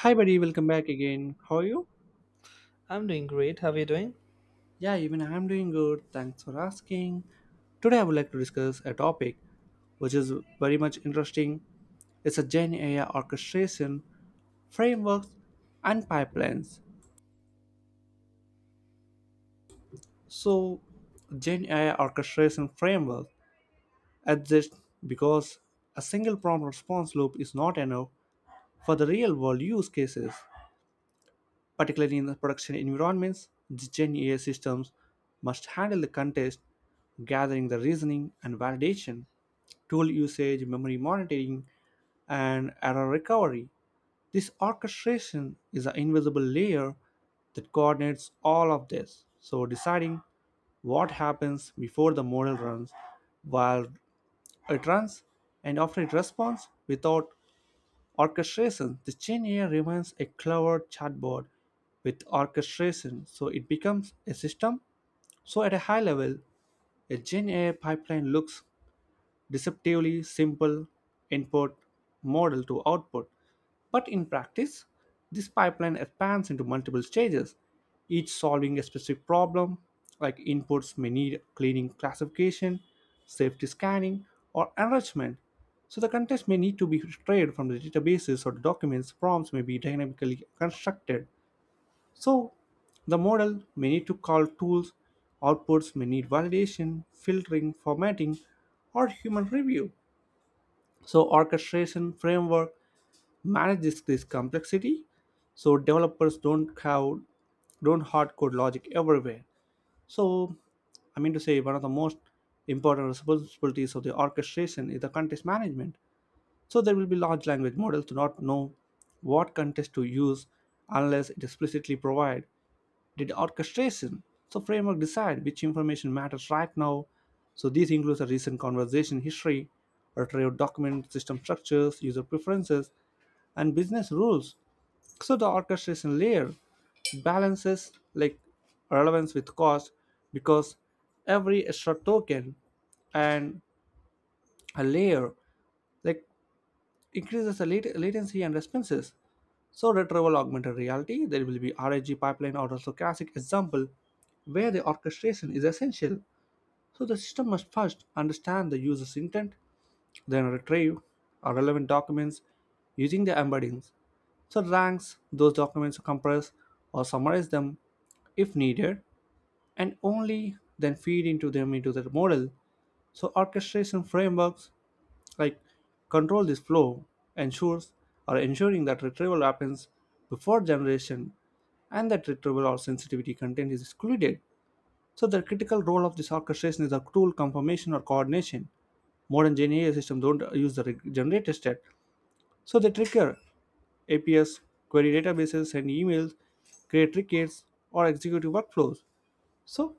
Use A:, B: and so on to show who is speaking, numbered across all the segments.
A: Hi, buddy, welcome back again. How are you?
B: I'm doing great. How are you doing?
A: Yeah, even I'm doing good. Thanks for asking. Today, I would like to discuss a topic which is very much interesting. It's a Gen AI orchestration frameworks and pipelines. So, Gen AI orchestration framework exists because a single prompt response loop is not enough for the real world use cases. Particularly in the production environments, the Gen AI systems must handle the context, gathering the reasoning and validation, tool usage, memory monitoring, and error recovery. This orchestration is an invisible layer that coordinates all of this. So, deciding what happens before the model runs, while it runs, and after it responds without orchestration, the Gen AI remains a clever chatbot. With orchestration, so it becomes a system. So at a high level, a gen ai pipeline looks deceptively simple: input, model, to output. But in practice, this pipeline expands into multiple stages, each solving a specific problem, like inputs may need cleaning classification, safety scanning, or enrichment. So the context may need to be retrieved from the databases or the documents. Prompts may be dynamically constructed. So the model may need to call tools, outputs may need validation, filtering, formatting, or human review. So orchestration framework manages this complexity. So developers don't hard code logic everywhere. So I mean to say, one of the most important responsibilities of the orchestration is the context management. So there will be large language models do not know what context to use unless it explicitly provide did orchestration. So framework decide which information matters right now. So these includes a recent conversation history, retrieved document, system structures, user preferences, and business rules. So the orchestration layer balances, like, relevance with cost, because every extra token and a layer like increases the latency and responses. So retrieval augmented reality, there will be RAG pipeline or also classic example where the orchestration is essential. So the system must first understand the user's intent, then retrieve or relevant documents using the embeddings. So ranks those documents, compress or summarize them if needed, and only then feed into them into the model. So orchestration frameworks, like, control this flow, ensures or ensuring that retrieval happens before generation, and that retrieval or sensitivity content is excluded. So the critical role of this orchestration is the tool confirmation or coordination. Modern Gen AI systems don't use the generated state, so they trigger APIs, query databases, and emails, create tickets, or executive workflows. So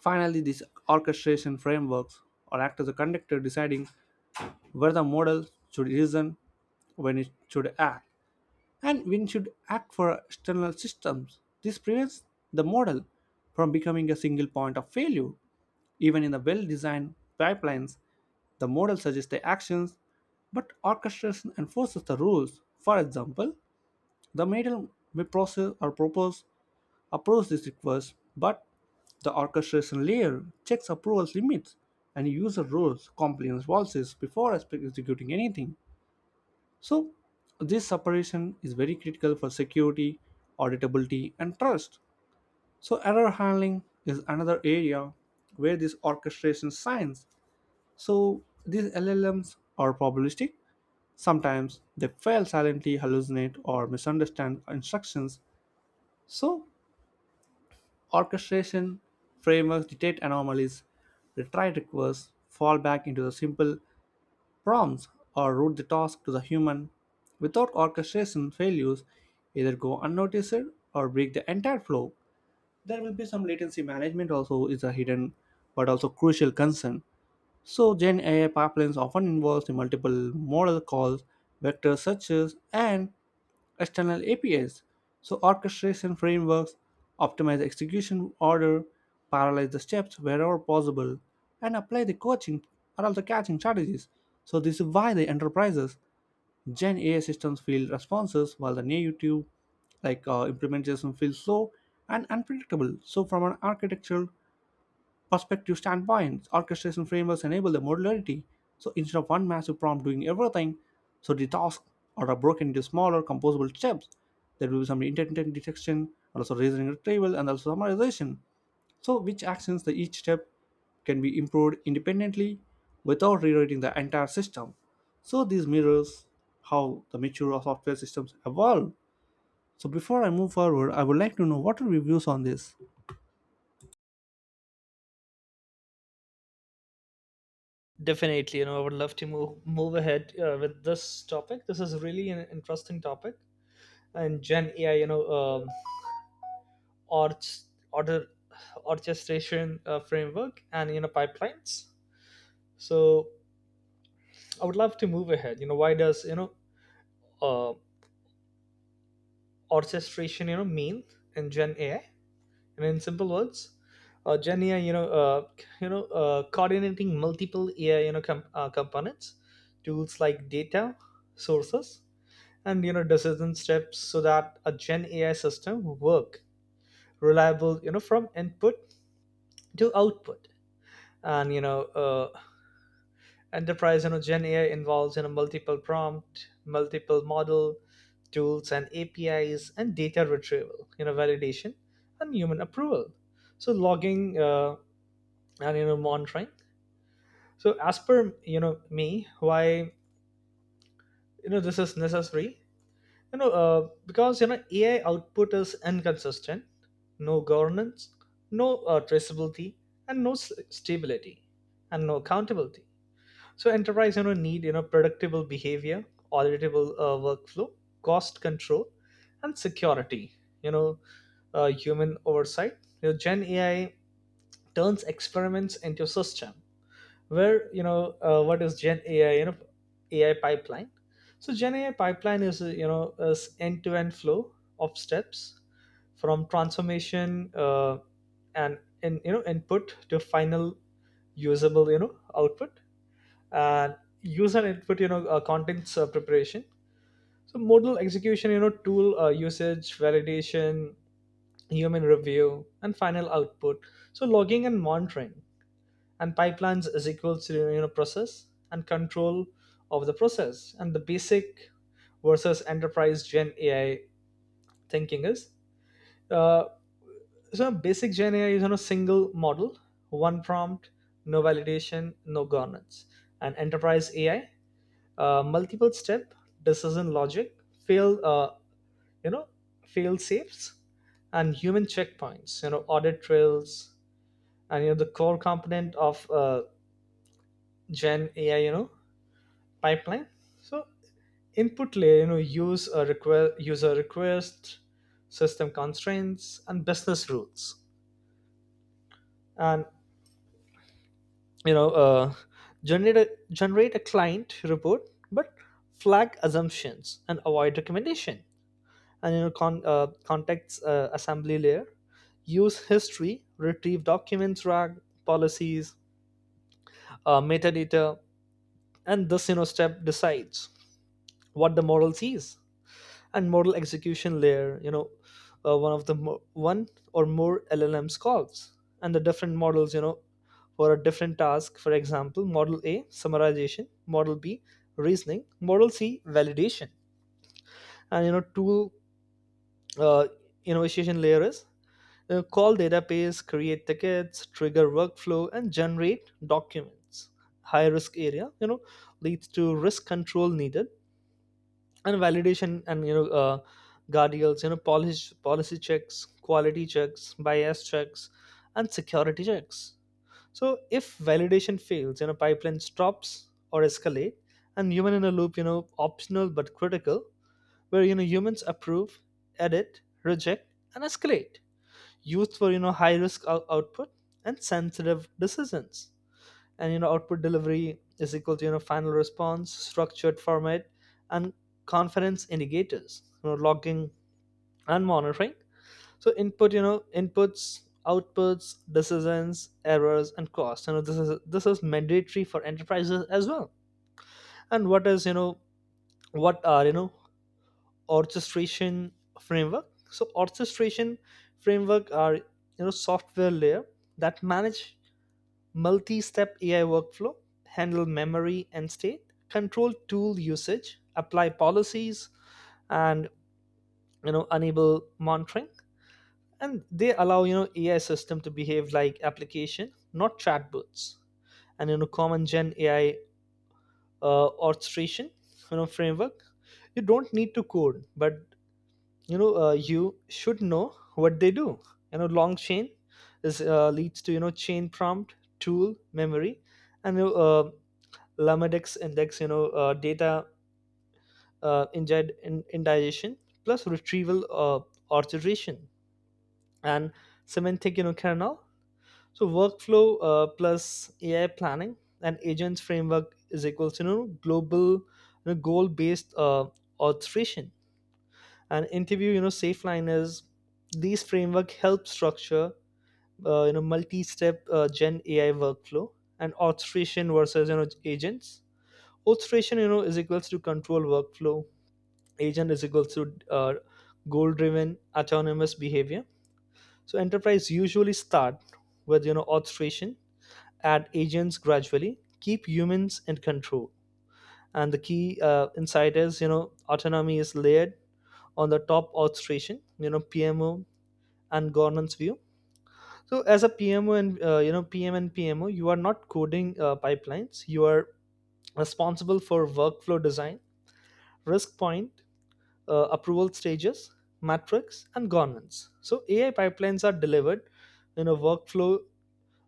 A: finally, these orchestration frameworks or act as a conductor, deciding where the model should reason, when it should act, and when it should act for external systems. This prevents the model from becoming a single point of failure. Even in the well designed pipelines, the model suggests the actions, but orchestration enforces the rules. For example, the model may process or propose approves this request, but the orchestration layer checks approval limits and user roles compliance policies before executing anything. So, this separation is very critical for security, auditability, and trust. So, error handling is another area where this orchestration shines. So, these LLMs are probabilistic. Sometimes they fail silently, hallucinate, or misunderstand instructions. So, orchestration frameworks detect anomalies, retry requests, fall back into the simple prompts, or route the task to the human. Without orchestration, failures either go unnoticed or break the entire flow. There will be some latency management also is a hidden but also crucial concern. So Gen AI pipelines often involves the multiple model calls, vector searches, and external APIs. So orchestration frameworks optimize execution order, parallelize the steps wherever possible, and apply the coaching or also catching strategies. So this is why the enterprises Gen AI systems feel responses while the native like implementation feels slow and unpredictable. So from an architectural perspective standpoint, orchestration frameworks enable the modularity. So instead of one massive prompt doing everything, so the tasks are broken into smaller composable steps. There will be some intent detection, also reasoning retrieval, and also summarization. So, which actions the each step can be improved independently without rewriting the entire system. So, this mirrors how the mature software systems evolve. So, before I move forward, I would like to know, what are your views on this?
B: Definitely, you know, I would love to move ahead with this topic. This is really an interesting topic, and Gen AI, you know, orch, order orchestration framework and you know pipelines. So I would love to move ahead. You know, why does you know uh, orchestration you know mean in Gen AI? And in simple words, Gen AI, you know, coordinating multiple AI, you know, components, tools like data sources and you know decision steps so that a gen ai system work reliable you know from input to output and you know enterprise you know gen ai involves you know multiple prompt multiple model tools and apis and data retrieval you know validation and human approval so logging and you know monitoring so as per you know me why you know this is necessary you know because you know ai output is inconsistent, no governance, no traceability and stability and no accountability so enterprise you know need you know predictable behavior auditable workflow cost control and security you know human oversight your gen ai turns experiments into system where you know what is gen ai you know ai pipeline so gen ai pipeline is you know is end-to-end flow of steps from transformation uh, and in you know input to final usable you know output and user input you know contents preparation so modal execution you know tool usage validation human review and final output so logging and monitoring and pipelines is equal to you know process and control of the process and the basic versus enterprise gen ai thinking is uh, so basic gen ai is on a single model, one prompt, no validation, no governance, and enterprise ai multiple step decision logic fail you know fail safes and human checkpoints you know audit trails and you know the core component of gen ai you know pipeline. So input layer, you know, user request, system constraints, and business rules, and you know, generate a client report, but flag assumptions and avoid recommendation. And you know, context assembly layer, use history, retrieve documents, rag policies, metadata, and this you know step decides what the model sees and model execution layer you know one of the mo- one or more llms calls and the different models you know for a different task, for example model a summarization, model b reasoning, model c validation, and you know tool uh, innovation layer is you know, call database, create tickets, trigger workflow and generate documents, high risk area you know leads to risk control needed and validation and you know guardrails you know policy checks, quality checks, bias checks, and security checks. So if validation fails you know pipeline stops or escalate and human in a loop you know optional but critical where you know humans approve, edit, reject, and escalate, used for you know output and sensitive decisions and you know output delivery is equal to you know final response structured format and confidence indicators you know logging and monitoring so input you know inputs, outputs, decisions, errors and costs you know this is mandatory for enterprises as well. And what is you know what are you know orchestration framework, so orchestration framework are you know software layer that manage multi-step AI workflow, handle memory and state, control tool usage, apply policies, and you know enable monitoring. And they allow you know AI system to behave like application, not chatbots. And you know common Gen AI orchestration you know framework. You don't need to code, but you know you should know what they do. You know long chain is leads to you know chain prompt, tool, memory, and you know, Lamadex index, you know, data indigestion plus retrieval orchestration and semantic, you know, kernel. So workflow plus AI planning and agents framework is equals to, you know, global you know, goal-based orchestration and interview, you know, safe liners. These framework help structure, you know, multi-step Gen AI workflow. And orchestration versus, you know, agents: orchestration you know is equals to control workflow, agent is equals to uh, goal driven autonomous behavior. So enterprise usually start with you know orchestration, add agents gradually, keep humans in control, and the key insight is you know autonomy is layered on the top orchestration you know pmo and governance view. So as a pmo and you know pm and pmo, you are not coding pipelines, you are responsible for workflow design, risk point, approval stages, metrics, and governance. So AI pipelines are delivered in a workflow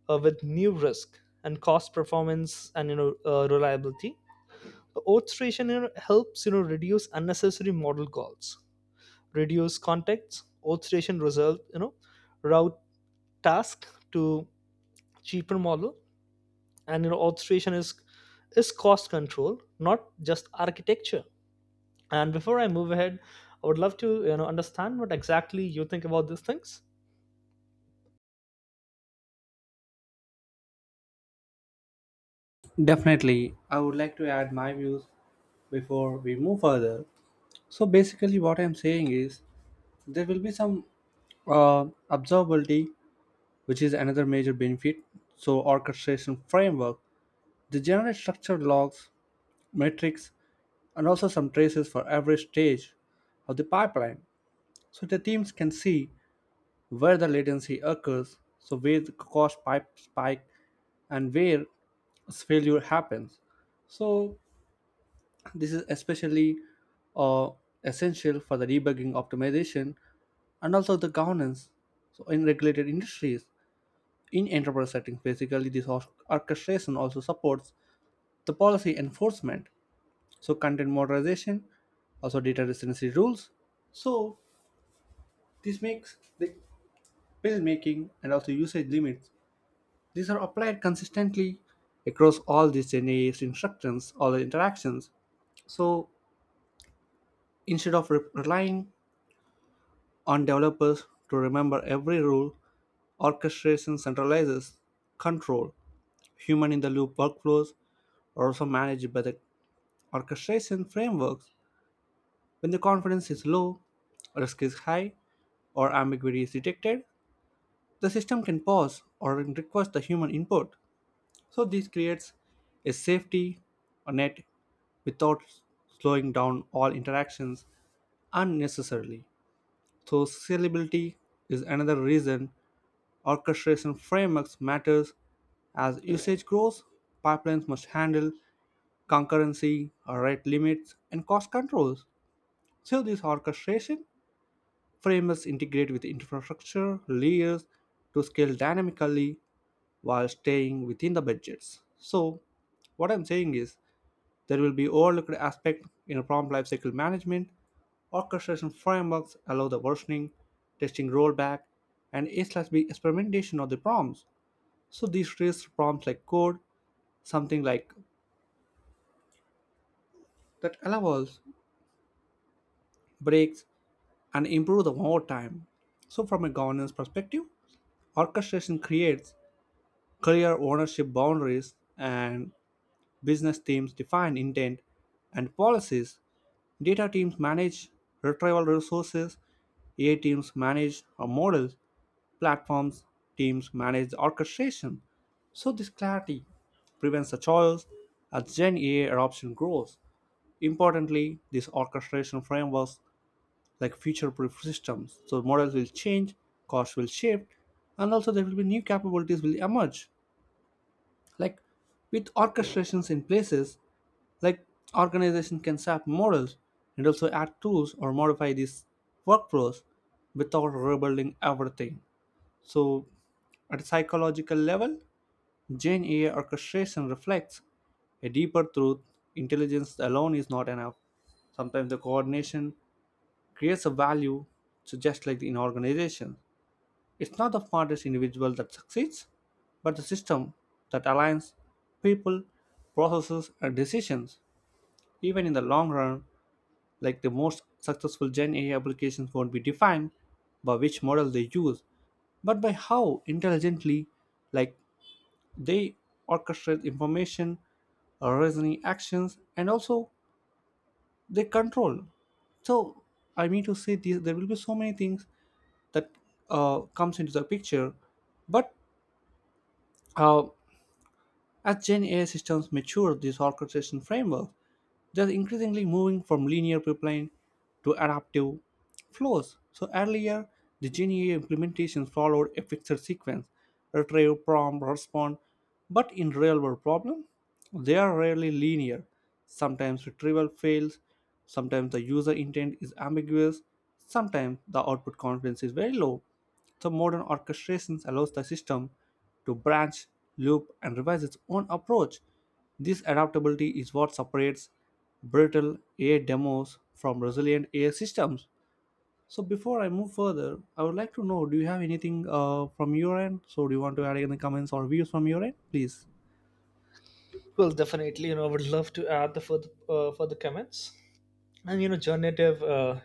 B: with new risk and cost performance and you know reliability. Orchestration you know, helps you know reduce unnecessary model calls, reduce contexts. Orchestration result you know route task to cheaper model, and you know orchestration is cost control, not just architecture. And before I move ahead, I would love to you know understand what exactly you think about these things.
A: Definitely, I would like to add my views before we move further. So, basically, what I'm saying is there will be some observability, which is another major benefit. So, orchestration framework, they generate structured logs, metrics, and also some traces for every stage of the pipeline, so the teams can see where the latency occurs, so where the cost pipe spike, and where failure happens. So this is especially uh, essential for the debugging optimization and also the governance. So in regulated industries, in enterprise settings, basically this orchestration also supports the policy enforcement, so content moderation, also data residency rules. So this makes the bill making and also usage limits, these are applied consistently across all these NAS instructions, all the interactions. So instead of relying on developers to remember every rule, orchestration centralizes control. Human in the loop workflows are also managed by the orchestration frameworks when the confidence is low, risk is high, or ambiguity is detected. The system can pause or request the human input, so this creates a safety net without slowing down all interactions unnecessarily. So scalability is another reason orchestration frameworks matters. As usage grows, pipelines must handle concurrency, rate limits, and cost controls. So these orchestration frameworks integrate with infrastructure layers to scale dynamically while staying within the budgets. So, what I'm saying is there will be overlooked aspect in a prompt lifecycle management. Orchestration frameworks allow the versioning, testing rollback, and A/B experimentation of the prompts. So these raise prompts like code, something like that allows breaks and improve the over time. So from a governance perspective, orchestration creates clear ownership boundaries, and business teams define intent and policies. Data teams manage retrieval resources. AI teams manage our models. Platforms teams manage the orchestration. So this clarity prevents the choice as Gen AI adoption grows. Importantly, these orchestration frameworks like future-proof systems. So models will change, costs will shift, and also there will be new capabilities will emerge. Like with orchestrations in places, like organizations can sap morals and also add tools or modify these workflows without rebuilding everything. So at a psychological level, Gen AI orchestration reflects a deeper truth. Intelligence alone is not enough. Sometimes the coordination creates a value, so just like in organization. It's not the smartest individual that succeeds, but the system that aligns people, processes, and decisions. Even in the long run, like the most successful Gen AI applications won't be defined by which model they use, but by how intelligently, like, they orchestrate information, reasoning actions, and also they control. So I mean to say this, there will be so many things that comes into the picture, but uh, as Gen AI systems mature, these orchestration frameworks they're increasingly moving from linear pipeline to adaptive flows. So earlier, the GNA implementations followed a fixed sequence: retrieve, prompt, respond, but in real-world problem, they are rarely linear. Sometimes retrieval fails, sometimes the user intent is ambiguous, sometimes the output confidence is very low. So modern orchestrations allows the system to branch, loop, and revise its own approach. This adaptability is what separates brittle AI demos from resilient AI systems. So before I move further, I would like to know: do you have anything from your end? So do you want to add any comments or views from your end, please?
B: Well, definitely, you know, I would love to add the further further comments. And you know, generative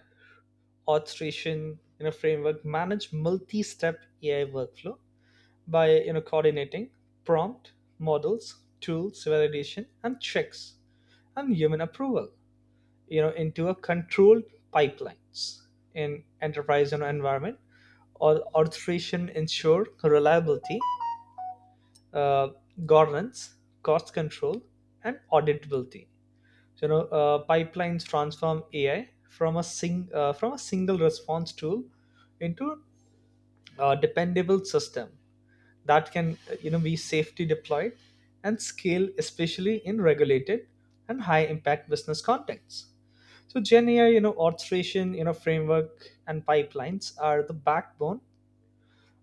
B: orchestration you know framework manage multi-step AI workflow by you know coordinating prompt, models, tools, validation, and checks and human approval. You know, into a controlled pipelines in enterprise you know, environment or orchestration ensure reliability, uh, governance, cost control, and auditability. So, you know, pipelines transform AI from a single response tool into a dependable system that can you know be safely deployed and scale, especially in regulated and high impact business contexts. So, Gen AI, you know, orchestration, you know, framework and pipelines are the backbone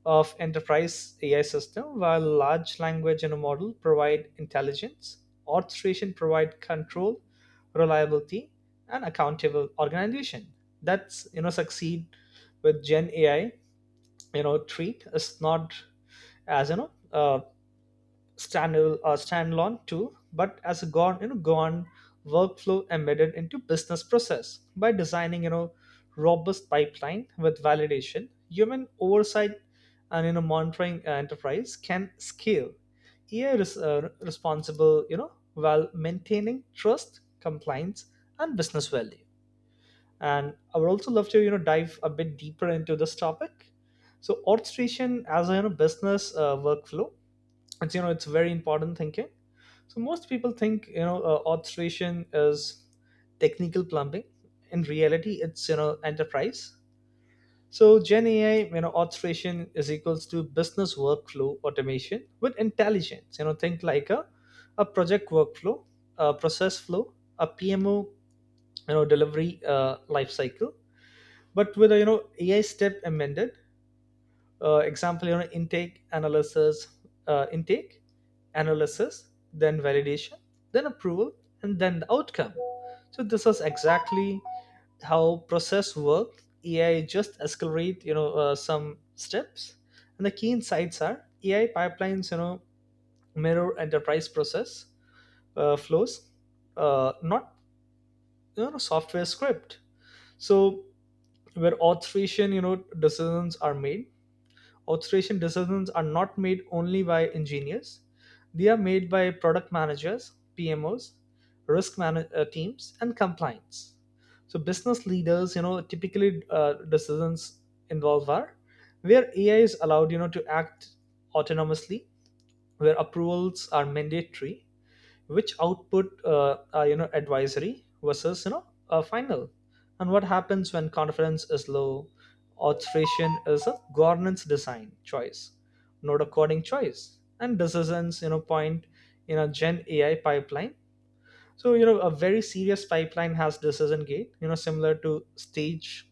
B: of enterprise AI system, while large language and a model provide intelligence, orchestration provide control, reliability, and accountable organization. That's you know succeed with Gen AI. You know treat is not as you know standalone tool, but as a gone you know gone workflow embedded into business process by designing you know robust pipeline with validation, human oversight, and you know monitoring enterprise can scale. AI is responsible you know while maintaining trust, compliance, and business value. And I would also love to you know dive a bit deeper into this topic. So orchestration as a you know, business workflow, it's you know it's very important thinking. So most people think you know orchestration is technical plumbing, in reality it's you know enterprise. So gen ai you know orchestration is equals to business workflow automation with intelligence, you know think like a project workflow, a process flow, a pmo you know delivery life cycle, but with a you know ai step amended, example you know intake analysis, then validation, then approval, and then the outcome. So this is exactly how process work, ai just accelerate you know some steps. And the key insights are ai pipelines you know mirror enterprise process flows, not you know software script. So where authorization you know decisions are made: authorization decisions are not made only by engineers. They are made by product managers, PMOs, teams, and compliance. So business leaders, you know, typically decisions involved are where AI is allowed, you know, to act autonomously, where approvals are mandatory, which output are you know advisory versus you know final, and what happens when confidence is low. Authorization is a governance design choice, not a coding choice, and decisions you know point in a gen ai pipeline. So you know a very serious pipeline has decision gate you know similar to stage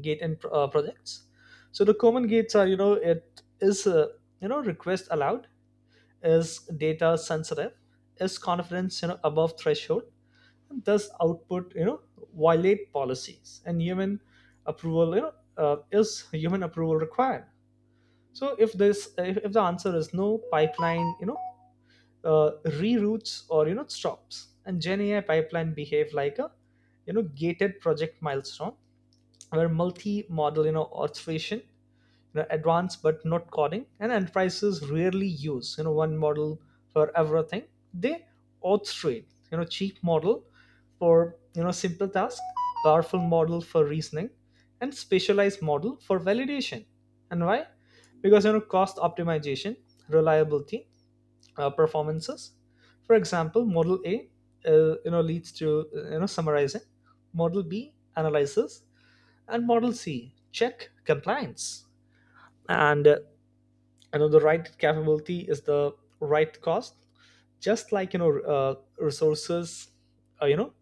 B: gate in projects. So the common gates are you know it is you know request allowed, is data sensitive, is confidence you know above threshold, and does output you know violate policies, and human approval you know is human approval required. So if this if the answer is no, pipeline you know uh, reroutes or you know stops, and gen ai pipeline behave like a you know gated project milestone. Where multi-model you know orchestration you know, advanced but not coding. And enterprises rarely use you know one model for everything. They orchestrate you know cheap model for you know simple task, powerful model for reasoning, and specialized model for validation. And why? Because you know cost optimization, reliability, performances. For example, model A you know leads to you know summarizing, model B analyzes, and model C check compliance. And uh, and the right capability is the right cost, just like you know resources you know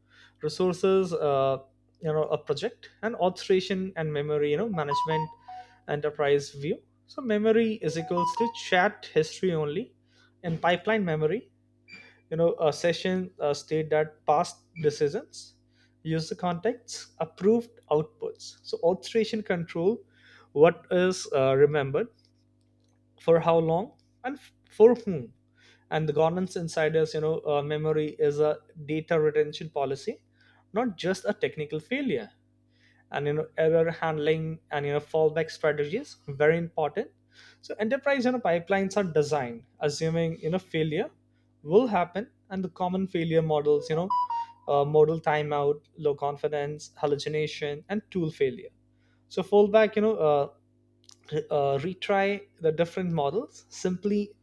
B: resources you know a project, and authorization and memory you know management, enterprise view. So memory is equals to chat history only, and pipeline memory you know a session state that past decisions, user contexts, approved outputs, so authorization control what is remembered, for how long, and for whom. And the governance insiders you know memory is a data retention policy, not just a technical failure. And you know error handling and you know fallback strategies very important. So enterprise you know pipelines are designed assuming you know failure will happen, and the common failure models you know modal timeout, low confidence, hallucination, and tool failure. So fallback you know retry the different models, simply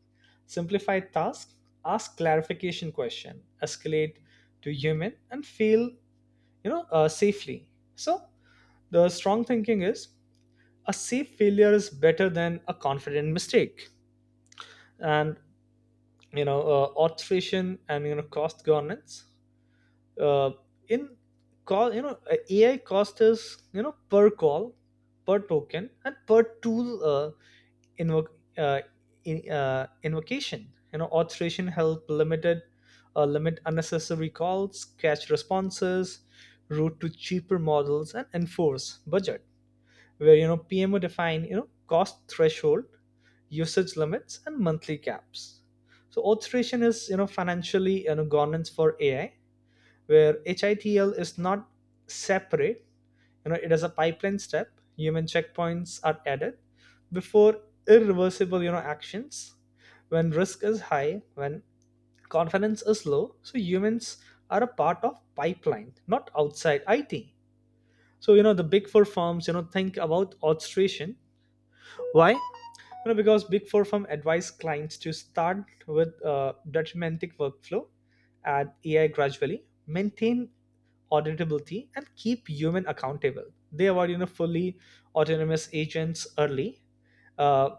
B: simplify task, ask clarification question, escalate to human, and fail you know safely. So the strong thinking is a safe failure is better than a confident mistake. And you know automation and you know cost governance, uh, in call you know ai cost is you know per call, per token, and per tool uh, invoc uh, invocation. You know, authorization help limit unnecessary calls, catch responses, route to cheaper models, and enforce budget. Where you know PMO define you know cost threshold, usage limits, and monthly caps. So authorization is you know financially you know governance for AI, where HITL is not separate you know, it is a pipeline step. Human checkpoints are added before irreversible, you know, actions. When risk is high, when confidence is low, so humans are a part of pipeline, not outside IT. So you know, the big four firms, you know, think about orchestration. Why? You know, because big four firm advise clients to start with a deterministic workflow, add AI gradually, maintain auditability and keep human accountable. They award you know fully autonomous agents early, uh,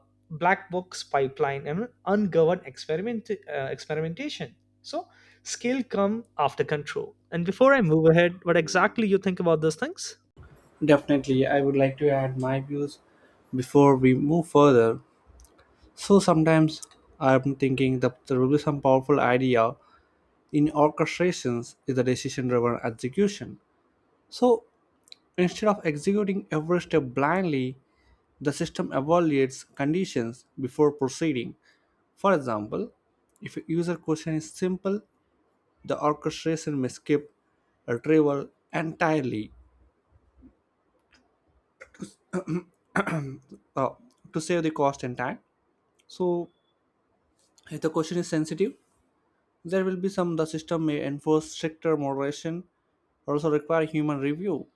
B: black box pipeline, and ungoverned experimentation. So skill come after control. And before I move ahead, what exactly you think about those things?
A: Definitely, I would like to add my views before we move further. So sometimes I'm thinking that there will be some powerful idea in orchestrations is the decision-driven execution. So instead of executing every step blindly, the system evaluates conditions before proceeding. For example, if a user question is simple, the orchestration may skip retrieval entirely, uh, to save the cost and time. So, if the question is sensitive, there will be some the system may enforce stricter moderation, also require human review.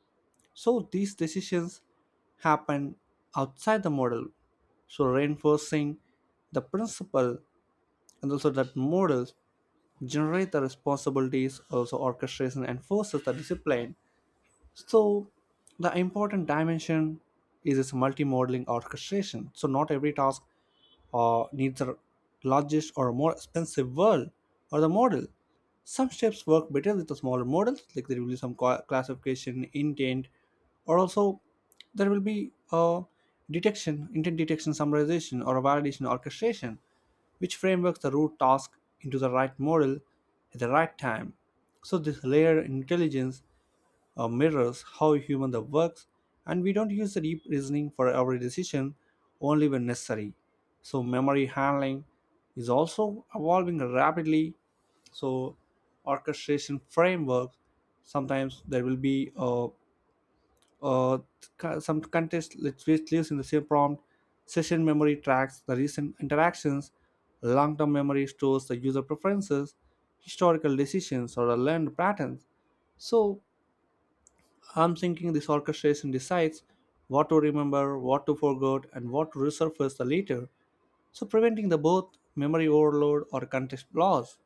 A: So, these decisions happen outside the model. So, reinforcing the principle and also that models generate the responsibilities, also orchestration enforces the discipline. So, the important dimension is its multi-modeling orchestration. So, not every task needs the largest or more expensive world or the model. Some steps work better with the smaller models, like there will be some classification, intent, or also there will be a detection, intent detection, summarization, or a validation orchestration, which frameworks the root task into the right model at the right time. So this layer intelligence mirrors how human that works, and we don't use the deep reasoning for every decision, only when necessary. So memory handling is also evolving rapidly. So orchestration framework, sometimes there will be uh, some context which lives in the same prompt. Session memory tracks the recent interactions, long-term memory stores the user preferences, historical decisions, or the learned patterns. So I'm thinking this orchestration decides what to remember, what to forget, and what to resurface the later, so preventing the both memory overload or context loss.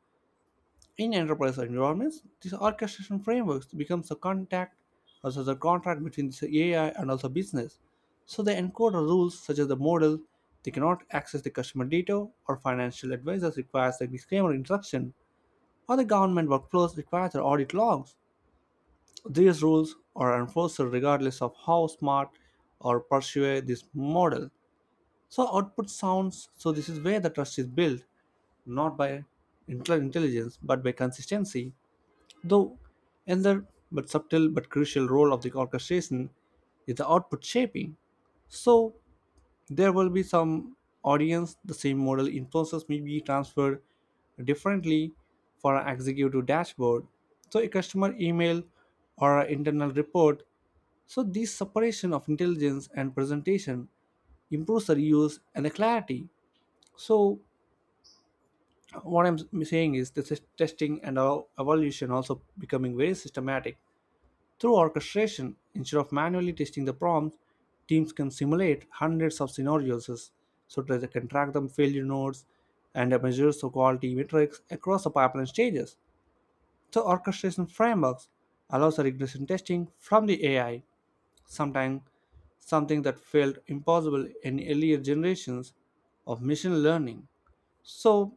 A: In enterprise environments, these orchestration frameworks becomes the contact, also the contract between the AI and also business. So they encode the rules such as the model. They cannot access the customer data, or financial advisors requires the disclaimer instruction, or the government workflows requires the audit logs. These rules are enforced regardless of how smart or persuasive this model. So output sounds. So this is where the trust is built, not by intelligence but by consistency. Though another, but subtle but crucial role of the orchestration is the output shaping. So there will be some audience, the same model influences may be transferred differently for an executive dashboard, so a customer email or an internal report. So this separation of intelligence and presentation improves the reuse and the clarity. So what I'm saying is, this is testing and our evolution also becoming very systematic through orchestration. Instead of manually testing the prompts, teams can simulate hundreds of scenarios so that they can track the failure nodes and measure the quality metrics across the pipeline stages. So orchestration frameworks allows the regression testing from the AI, sometimes something that felt impossible in earlier generations of machine learning. So,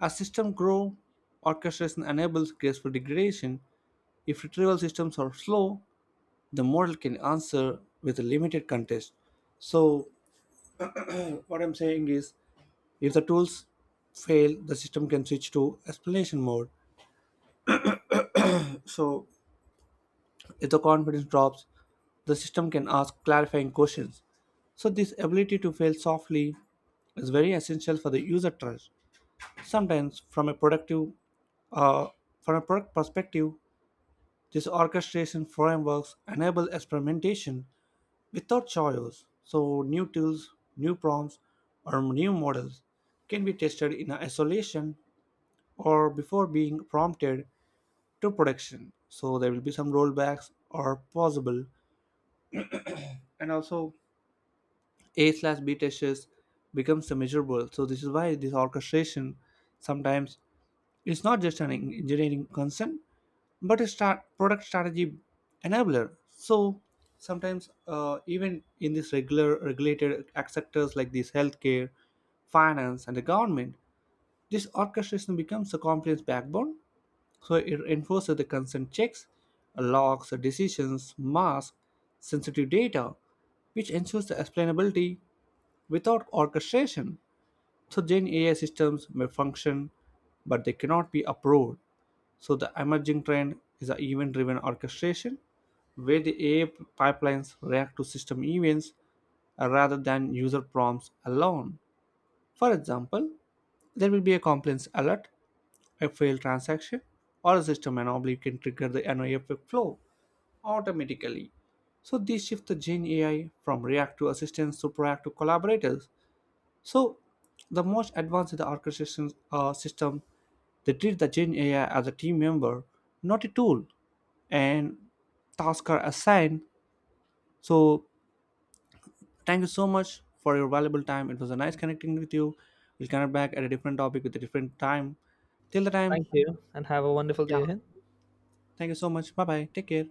A: as systems grow, orchestration enables graceful degradation. If retrieval systems are slow, the model can answer with a limited context. So, what I'm saying is, if the tools fail, the system can switch to explanation mode. So, if the confidence drops, the system can ask clarifying questions. So, this ability to fail softly is very essential for the user trust. Sometimes, from a productive, uh, from a product perspective, these orchestration frameworks enable experimentation without choice. So, new tools, new prompts, or new models can be tested in isolation or before being prompted to production. So, there will be some rollbacks are possible, and also A slash B tests becomes measurable. So, this is why this orchestration sometimes is not just an engineering concern but a start product strategy enabler. So sometimes even in these regular regulated sectors like these healthcare, finance, and the government, this orchestration becomes a compliance backbone. So it enforces the consent checks, logs, decisions, masks, sensitive data, which ensures the explainability without orchestration. So Gen AI systems may function, but they cannot be approved. So the emerging trend is a event-driven orchestration, where the AI pipelines react to system events, rather than user prompts alone. For example, there will be a compliance alert, a failed transaction, or a system anomaly can trigger the NOAF flow automatically. So this shifts the Gen AI from reactive assistants to proactive collaborators. So, the most advanced in the orchestration system, they treat the Gen AI as a team member, not a tool, and tasks are assigned. So, thank you so much for your valuable time. It was a nice connecting with you. We'll connect back at a different topic with a different time. Till the time,
B: Thank you and have a wonderful day
A: yeah.
B: ahead.
A: Thank you so much. Bye bye. Take care.